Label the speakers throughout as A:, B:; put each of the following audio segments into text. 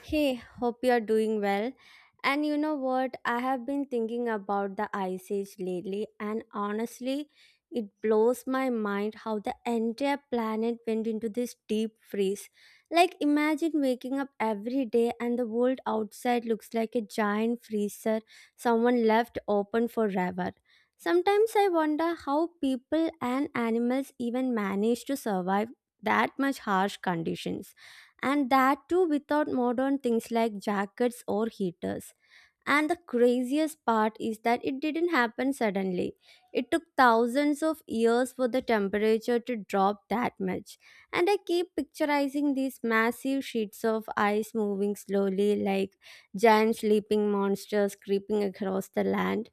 A: Hey, hope you're doing well. And you know what? I have been thinking about the Ice Age lately, and honestly, it blows my mind how the entire planet went into this deep freeze. Like, imagine waking up every day and the world outside looks like a giant freezer someone left open forever. Sometimes I wonder how people and animals even manage to survive that much harsh conditions, and that too without modern things like jackets or heaters. And the craziest part is that it didn't happen suddenly. It took thousands of years for the temperature to drop that much. And I keep picturizing these massive sheets of ice moving slowly like giant sleeping monsters creeping across the land.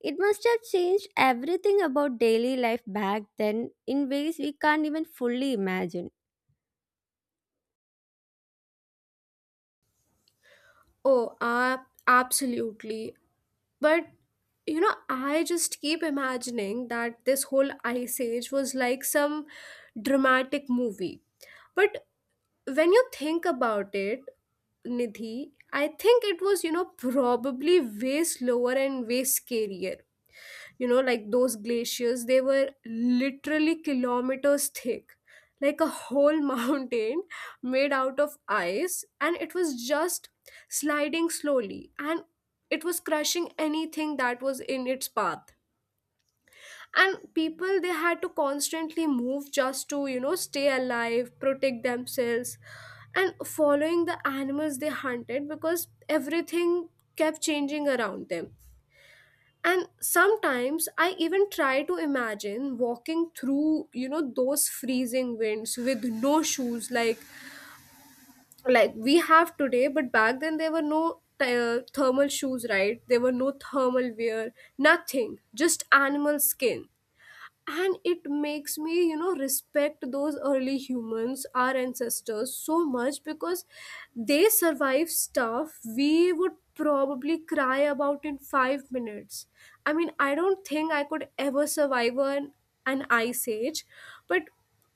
A: It must have changed everything about daily life back then in ways we can't even fully imagine.
B: Oh, absolutely. But I just keep imagining that this whole ice age was like some dramatic movie. But when you think about it, Nidhi, I think it was, you know, probably way slower and way scarier. You know, like those glaciers, they were literally kilometers thick, like a whole mountain made out of ice, and it was just sliding slowly, and it was crushing anything that was in its path. And people, they had to constantly move just to, you know, stay alive, protect themselves, and following the animals they hunted, because everything kept changing around them. And sometimes I even try to imagine walking through, you know, those freezing winds with no shoes, like we have today. But back then there were no thermal shoes, right? There were no thermal wear, nothing, just animal skin. And it makes me, you know, respect those early humans, our ancestors, so much, because they survive stuff we would probably cry about in 5 minutes. I mean, I don't think I could ever survive an ice age. But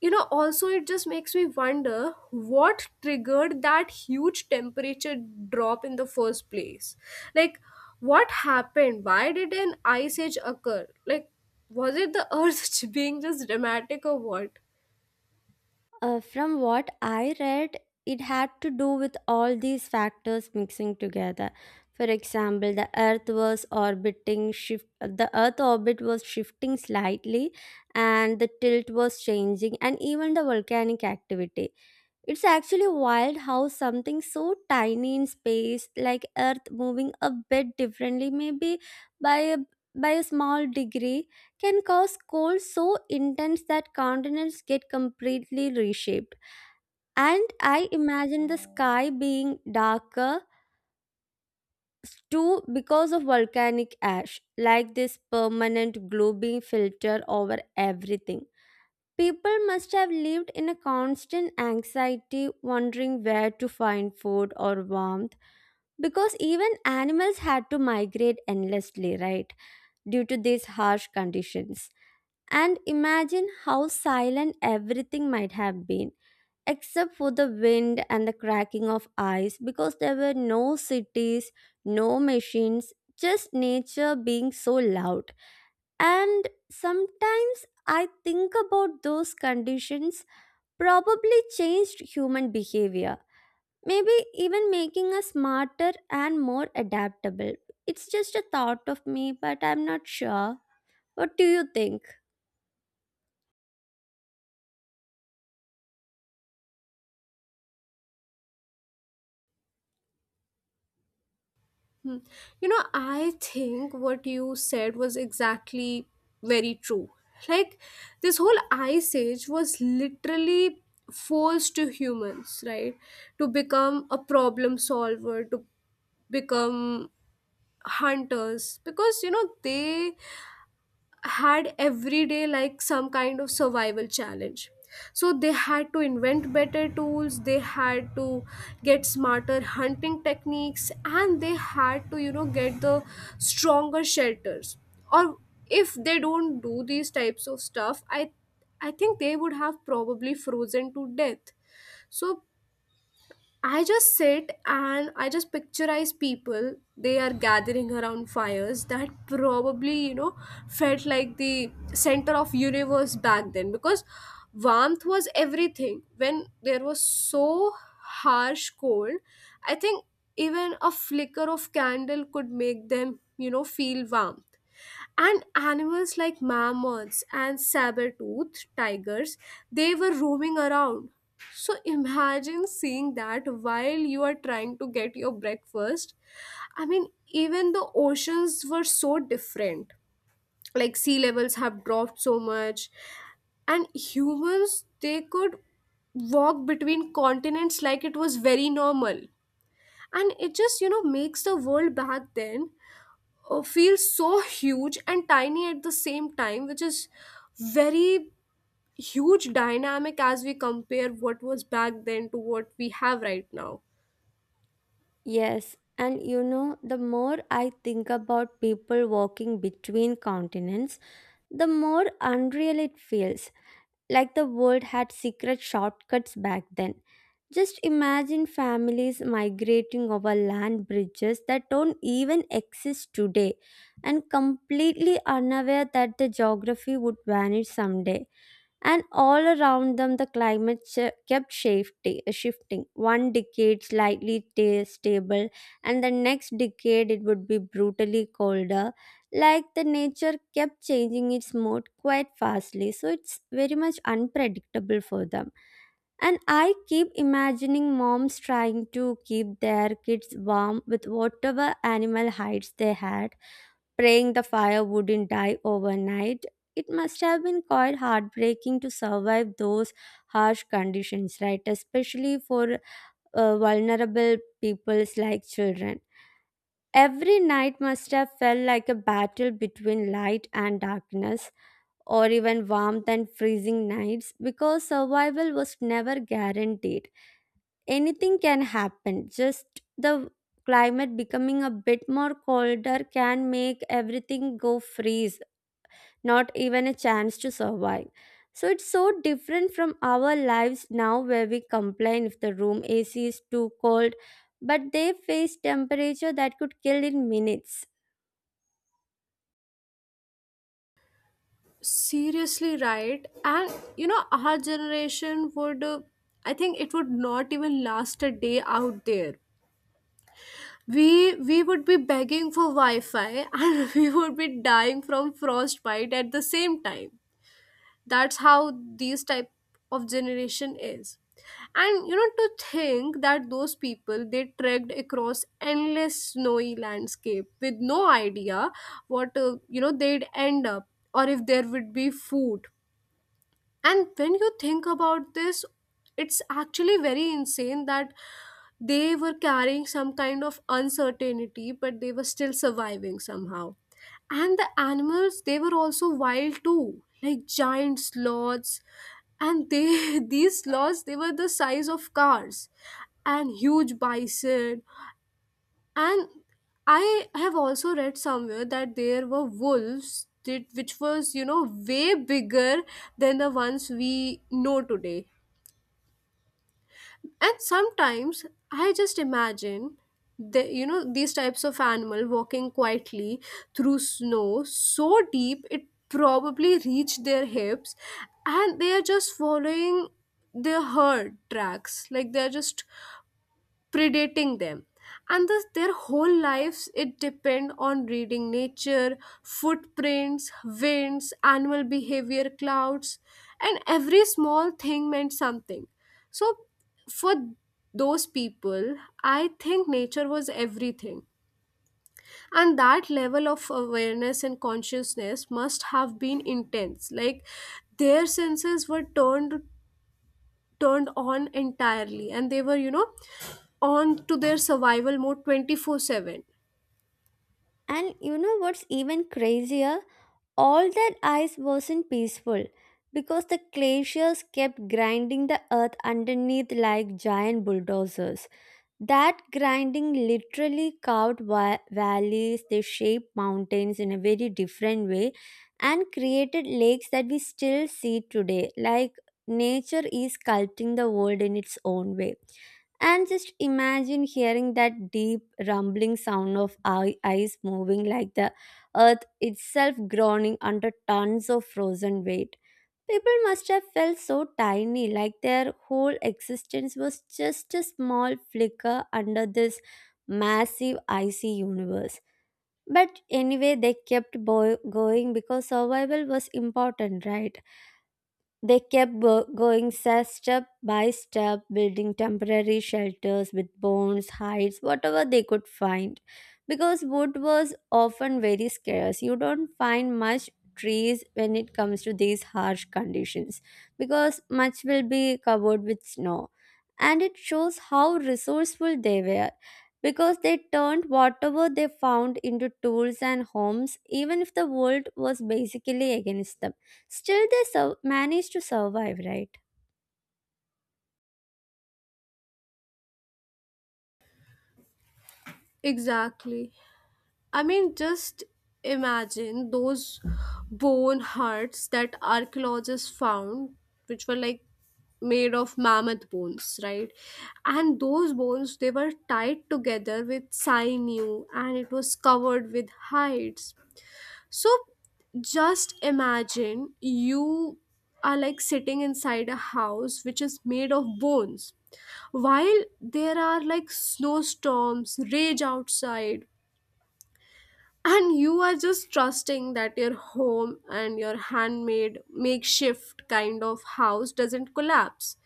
B: you know, also, it just makes me wonder what triggered that huge temperature drop in the first place. Like, what happened? Why did an ice age occur? Like, was it the earth being just dramatic, or what?
A: From what I read, it had to do with all these factors mixing together. For example, the Earth was orbiting shift. The Earth orbit was shifting slightly, and the tilt was changing, and even the volcanic activity. It's actually wild how something so tiny in space, like Earth moving a bit differently, maybe by a by a small degree, can cause cold so intense that continents get completely reshaped. And I imagine the sky being darker too because of volcanic ash, like this permanent glowing filter over everything. People must have lived in a constant anxiety, wondering where to find food or warmth, because even animals had to migrate endlessly, right, due to these harsh conditions. And imagine how silent everything might have been, except for the wind and the cracking of ice, because there were no cities, no machines, just nature being so loud. And sometimes I think about those conditions probably changed human behavior, maybe even making us smarter and more adaptable. It's just a thought of me, but I'm not sure. What do you think?
B: Hmm. You know, I think what you said was exactly very true. Like, this whole ice age was literally forced to humans, right? To become a problem solver, to become hunters, because, you know, they had every day like some kind of survival challenge. So they had to invent better tools, they had to get smarter hunting techniques, and they had to, you know, get the stronger shelters. Or if they don't do these types of stuff, I think they would have probably frozen to death. So I just sit and I just picturize people. They are gathering around fires that probably, you know, felt like the center of universe back then, because warmth was everything. When there was so harsh cold, I think even a flicker of candle could make them, you know, feel warm. And animals like mammoths and saber-toothed tigers, they were roaming around. So imagine seeing that while you are trying to get your breakfast. I mean, even the oceans were so different. Like sea levels have dropped so much, and humans, they could walk between continents like it was very normal. And it just, you know, makes the world back then feels so huge and tiny at the same time, which is very huge dynamic as we compare what was back then to what we have right now.
A: Yes, and you know, the more I think about people walking between continents, the more unreal it feels. Like the world had secret shortcuts back then. Just imagine families migrating over land bridges that don't even exist today and completely unaware that the geography would vanish someday. And all around them the climate kept shifting, one decade slightly stable and the next decade it would be brutally colder. Like the nature kept changing its mode quite fastly, so it's very much unpredictable for them. And I keep imagining moms trying to keep their kids warm with whatever animal hides they had, praying the fire wouldn't die overnight. It must have been quite heartbreaking to survive those harsh conditions, right? Especially for vulnerable peoples like children. Every night must have felt like a battle between light and darkness, or even warmth and freezing nights, because survival was never guaranteed. Anything can happen. Just the climate becoming a bit more colder can make everything go freeze, not even a chance to survive. So it's so different from our lives now where we complain if the room AC is too cold, but they face temperature that could kill in minutes.
B: Seriously, right? And you know, our generation would, I think it would not even last a day out there. We would be begging for Wi-Fi and we would be dying from frostbite at the same time. That's how these type of generation is. And you know, to think that those people, they trekked across endless snowy landscape with no idea what you know, they'd end up, or if there would be food. And when you think about this, it's actually very insane that they were carrying some kind of uncertainty, but they were still surviving somehow. And the animals, they were also wild too, like giant sloths. And they these sloths, they were the size of cars, and huge bison, and I have also read somewhere that there were wolves that, which was, you know, way bigger than the ones we know today. And sometimes I just imagine the, you know, these types of animal walking quietly through snow so deep it probably reached their hips. And they are just following their herd tracks, like they're just predating them. And thus their whole lives, it depend on reading nature, footprints, winds, animal behavior, clouds, and every small thing meant something. So for those people, I think nature was everything, and that level of awareness and consciousness must have been intense. Like, their senses were turned on entirely, and they were, you know, on to their survival mode 24/7.
A: And you know what's even crazier? All that ice wasn't peaceful because the glaciers kept grinding the earth underneath like giant bulldozers. That grinding literally carved valleys, they shaped mountains in a very different way and created lakes that we still see today. Like nature is sculpting the world in its own way. And just imagine hearing that deep rumbling sound of ice moving, like the earth itself groaning under tons of frozen weight. People must have felt so tiny, like their whole existence was just a small flicker under this massive icy universe. But anyway, they kept going because survival was important, right? They kept going step by step, building temporary shelters with bones, hides, whatever they could find. Because wood was often very scarce. You don't find much trees when it comes to these harsh conditions because much will be covered with snow. And it shows how resourceful they were because they turned whatever they found into tools and homes, even if the world was basically against them. Still, they manage to survive, right?
B: Exactly. I mean, just imagine those bone hearts that archaeologists found, which were like made of mammoth bones, right? And those bones, they were tied together with sinew, and it was covered with hides. So just imagine you are like sitting inside a house which is made of bones, while there are like snowstorms, rage outside, and you are just trusting that your home and your handmade makeshift kind of house doesn't collapse.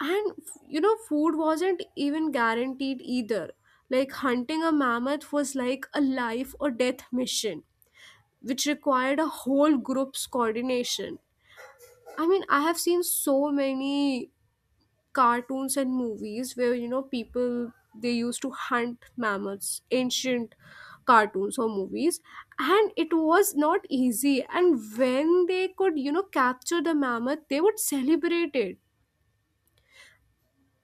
B: And you know, food wasn't even guaranteed either. Like, hunting a mammoth was like a life or death mission, which required a whole group's coordination. I mean, I have seen so many cartoons and movies where, you know, people, they used to hunt mammoths, ancient cartoons or movies, and it was not easy. And when they could, you know, capture the mammoth, they would celebrate it.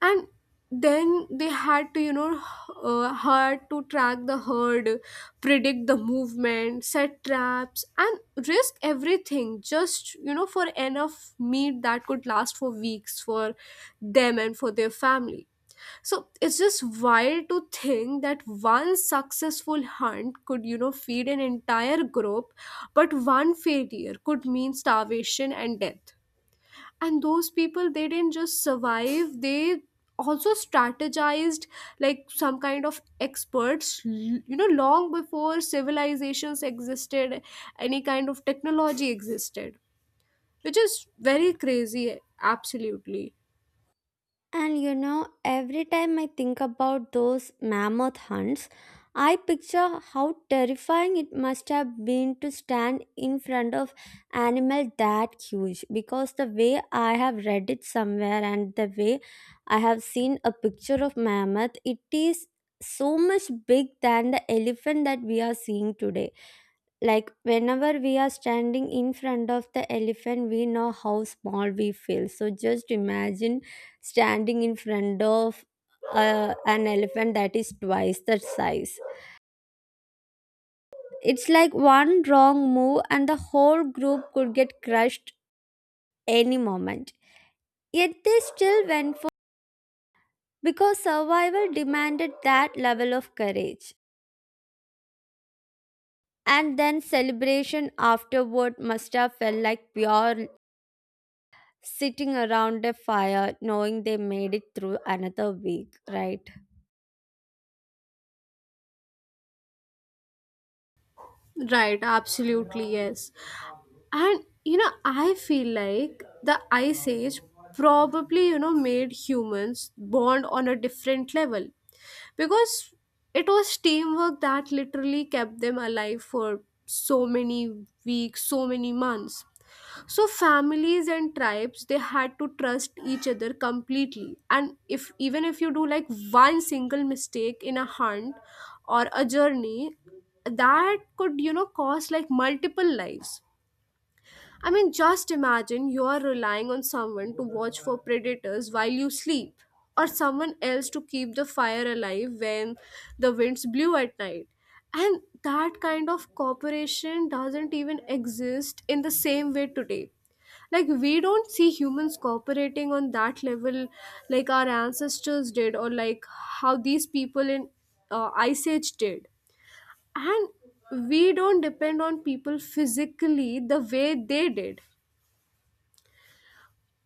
B: And then they had to, you know, had to track the herd, predict the movement, set traps, and risk everything just, you know, for enough meat that could last for weeks for them and for their family. So it's just wild to think that one successful hunt could, you know, feed an entire group, but one failure could mean starvation and death. And those people, they didn't just survive, they also strategized, like some kind of experts, you know, long before civilizations existed, any kind of technology existed, which is very crazy. Absolutely.
A: And you know, every time I think about those mammoth hunts, I picture how terrifying it must have been to stand in front of animal that huge, because the way I have read it somewhere and the way I have seen a picture of mammoth, it is so much big than the elephant that we are seeing today. Like whenever we are standing in front of the elephant, we know how small we feel. So just imagine standing in front of an elephant that is twice that size. It's like one wrong move, and the whole group could get crushed any moment. Yet they still went for because survival demanded that level of courage. And then celebration afterward must have felt like pure, sitting around a fire knowing they made it through another week, right?
B: Right, absolutely, yes. And you know, I feel like the Ice Age probably, you know, made humans bond on a different level, because it was teamwork that literally kept them alive for so many weeks, so many months. So families and tribes, they had to trust each other completely. And if even if you do like one single mistake in a hunt or a journey, that could, you know, cost like multiple lives. I mean, just imagine you are relying on someone to watch for predators while you sleep, or someone else to keep the fire alive when the winds blew at night. And that kind of cooperation doesn't even exist in the same way today. Like, we don't see humans cooperating on that level like our ancestors did, or like how these people in Ice Age did. And we don't depend on people physically the way they did.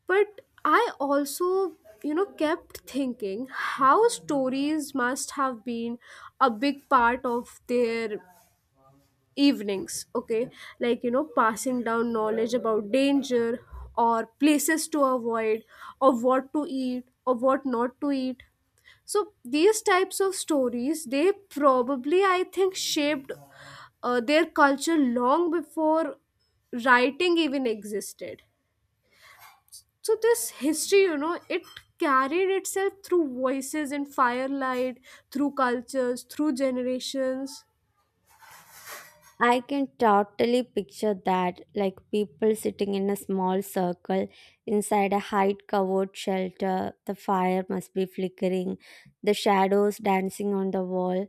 B: But I also, you know, kept thinking how stories must have been a big part of their evenings, okay? Like, you know, passing down knowledge about danger, or places to avoid, or what to eat or what not to eat. So these types of stories, they probably, I think, shaped their culture long before writing even existed. So this history, you know, it carried itself through voices in firelight, through cultures, through generations.
A: I can totally picture that, like people sitting in a small circle inside a height covered shelter. The fire must be flickering, the shadows dancing on the wall,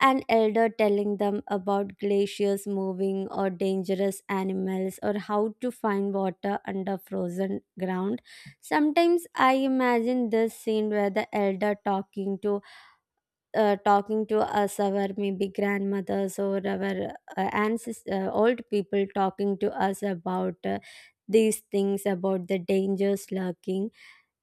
A: an elder telling them about glaciers moving or dangerous animals or how to find water under frozen ground. Sometimes I imagine this scene where the elder talking to us, our maybe grandmothers or our ancestors, old people talking to us about these things, about the dangers lurking.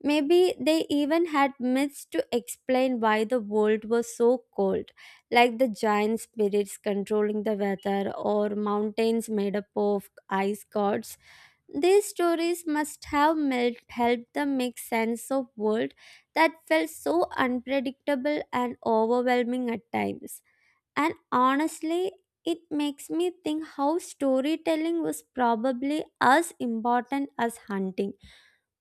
A: Maybe they even had myths to explain why the world was so cold, like the giant spirits controlling the weather or mountains made up of ice gods. These stories must have helped them make sense of world that felt so unpredictable and overwhelming at times. And honestly, it makes me think how storytelling was probably as important as hunting,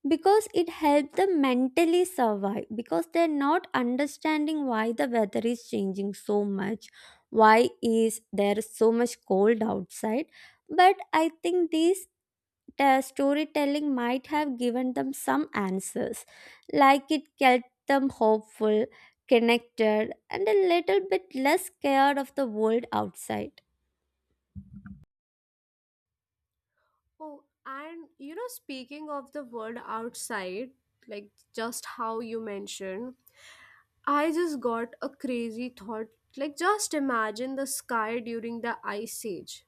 A: because it helped them mentally survive, because they're not understanding why the weather is changing so much, why is there so much cold outside. But I think these storytelling might have given them some answers, like it kept them hopeful, connected, and a little bit less scared of the world outside.
B: Oh, and you know, speaking of the word outside, like just how you mentioned, I just got a crazy thought. Like, just imagine the sky during the ice age.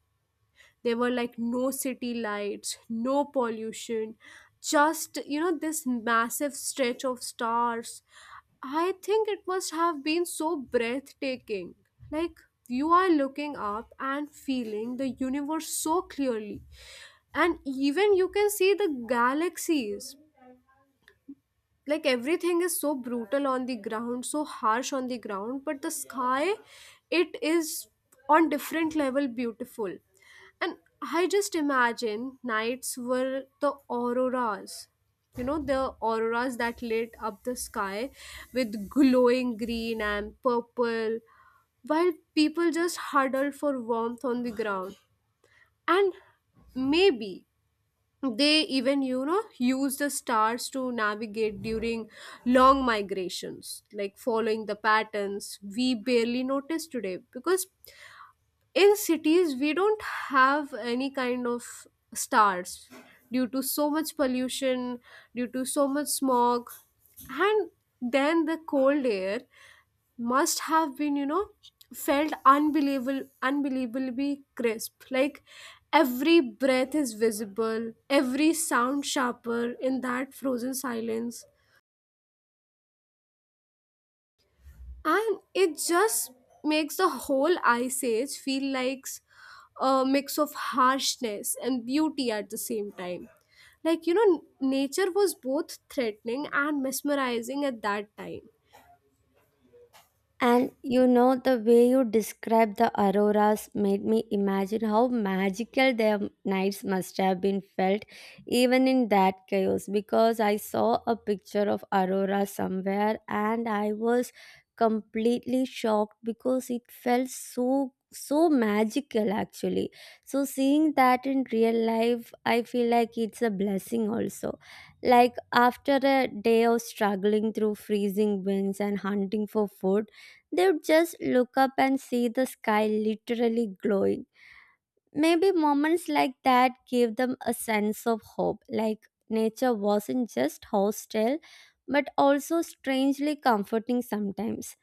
B: There were like no city lights, no pollution, just, you know, this massive stretch of stars. I think it must have been so breathtaking. Like, you are looking up and feeling the universe so clearly, and even you can see the galaxies. Like, everything is so brutal on the ground, so harsh on the ground, but the sky, it is on different level beautiful. And I just imagine nights were the auroras, you know, the auroras that lit up the sky with glowing green and purple, while people just huddled for warmth on the ground. And maybe they even, you know, use the stars to navigate during long migrations, like following the patterns we barely notice today, because in cities we don't have any kind of stars, due to so much pollution, due to so much smog. And then the cold air must have been, you know, felt unbelievable, unbelievably crisp. Like, every breath is visible, every sound sharper in that frozen silence. And it just makes the whole ice age feel like a mix of harshness and beauty at the same time. Like, you know, nature was both threatening and mesmerizing at that time.
A: And you know, the way you described the auroras made me imagine how magical their nights must have been felt, even in that chaos. Because I saw a picture of aurora somewhere and I was completely shocked because it felt so magical actually. So seeing that in real life, I feel like it's a blessing also. Like after a day of struggling through freezing winds and hunting for food, they would just look up and see the sky literally glowing. Maybe moments like that gave them a sense of hope, like nature wasn't just hostile, but also strangely comforting sometimes.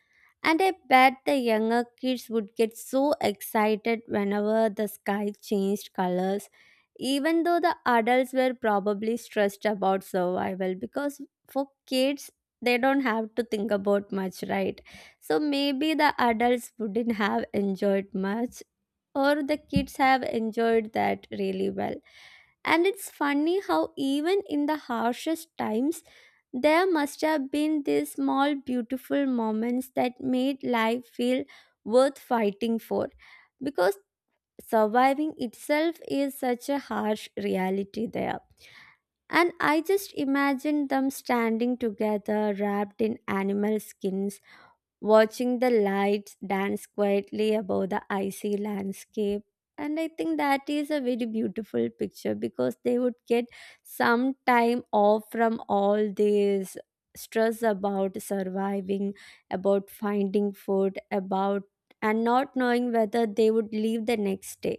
A: And I bet the younger kids would get so excited whenever the sky changed colors, even though the adults were probably stressed about survival, because for kids, they don't have to think about much, right? So maybe the adults wouldn't have enjoyed much, or the kids have enjoyed that really well. And it's funny how even in the harshest times there must have been these small beautiful moments that made life feel worth fighting for, because surviving itself is such a harsh reality there. And I just imagine them standing together wrapped in animal skins, watching the lights dance quietly above the icy landscape. And I think that is a very beautiful picture, because they would get some time off from all this stress about surviving, about finding food, about and not knowing whether they would leave the next day.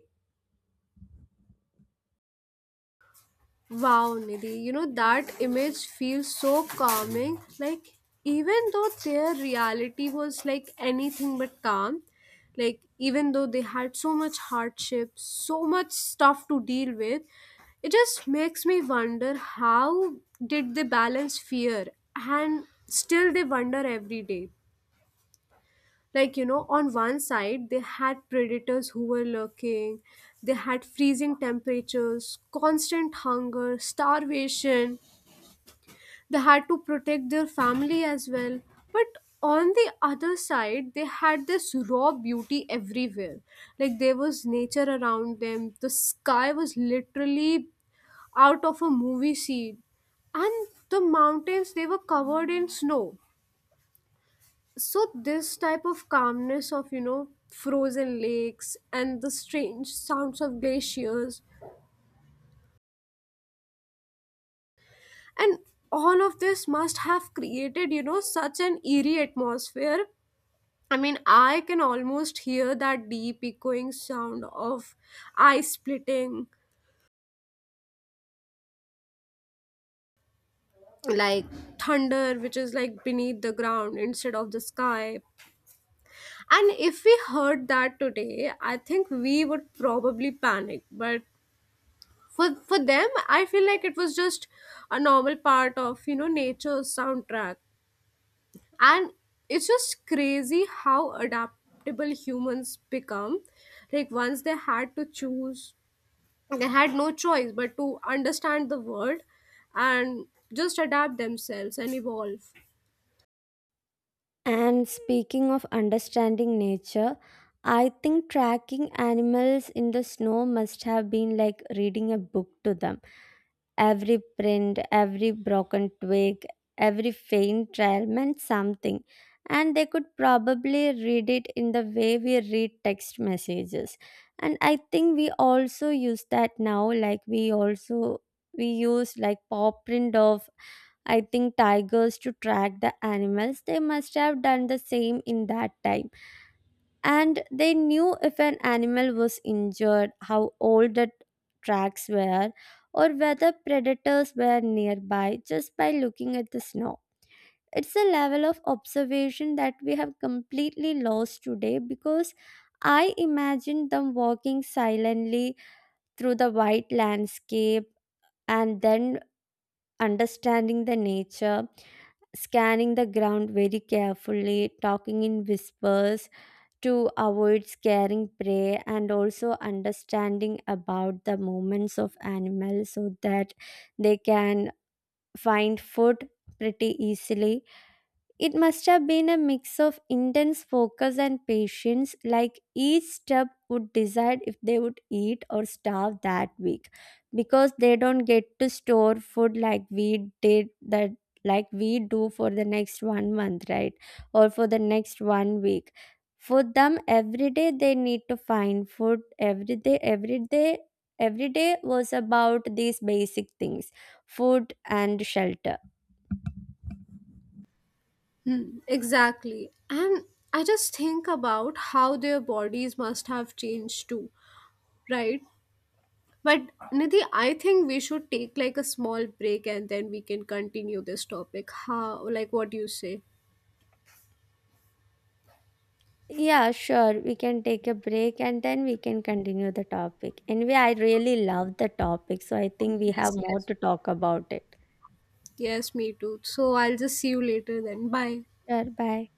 B: Wow, Nidhi, you know, that image feels so calming. Like, even though their reality was like anything but calm, like, even though they had so much hardship, so much stuff to deal with, it just makes me wonder, how did they balance fear and still they wonder every day? Like, you know, on one side they had predators who were lurking, they had freezing temperatures, constant hunger, starvation, they had to protect their family as well. But on the other side, they had this raw beauty everywhere. Like, there was nature around them, the sky was literally out of a movie scene, and the mountains, they were covered in snow. So this type of calmness of, you know, frozen lakes and the strange sounds of glaciers, and all of this must have created, you know, such an eerie atmosphere. I mean, I can almost hear that deep echoing sound of ice splitting, like thunder, which is like beneath the ground instead of the sky. And if we heard that today, I think we would probably panic, but for them, I feel like it was just a normal part of, you know, nature's soundtrack. And it's just crazy how adaptable humans become. Like, once they had to choose, they had no choice but to understand the world, and just adapt themselves and evolve.
A: And speaking of understanding nature, I think tracking animals in the snow must have been like reading a book to them. Every print, every broken twig, every faint trail meant something. And they could probably read it in the way we read text messages. And I think we also use that now, like we also we use like paw print of I think tigers to track the animals, they must have done the same in that time. And they knew if an animal was injured, how old the tracks were, or whether predators were nearby just by looking at the snow. It's a level of observation that we have completely lost today. Because I imagine them walking silently through the white landscape and then understanding the nature, scanning the ground very carefully, talking in whispers to avoid scaring prey, and also understanding about the movements of animals so that they can find food pretty easily. It must have been a mix of intense focus and patience, like each step would decide if they would eat or starve that week, because they don't get to store food like we did that, like we do for the next one month, right? Or for the next one week. For them, every day they need to find food. Every day every day was about these basic things, food and shelter.
B: Hmm, exactly. And I just think about how their bodies must have changed too, right? But Nidhi, I think we should take like a small break and then we can continue this topic. How, like what do you say?
A: Yeah, sure. We can take a break and then we can continue the topic. Anyway, I really love the topic, so I think we
B: Yes,
A: have more
B: yes.
A: to talk about it.
B: Yes, me too. So I'll just see you later then. Bye.
A: Sure, bye.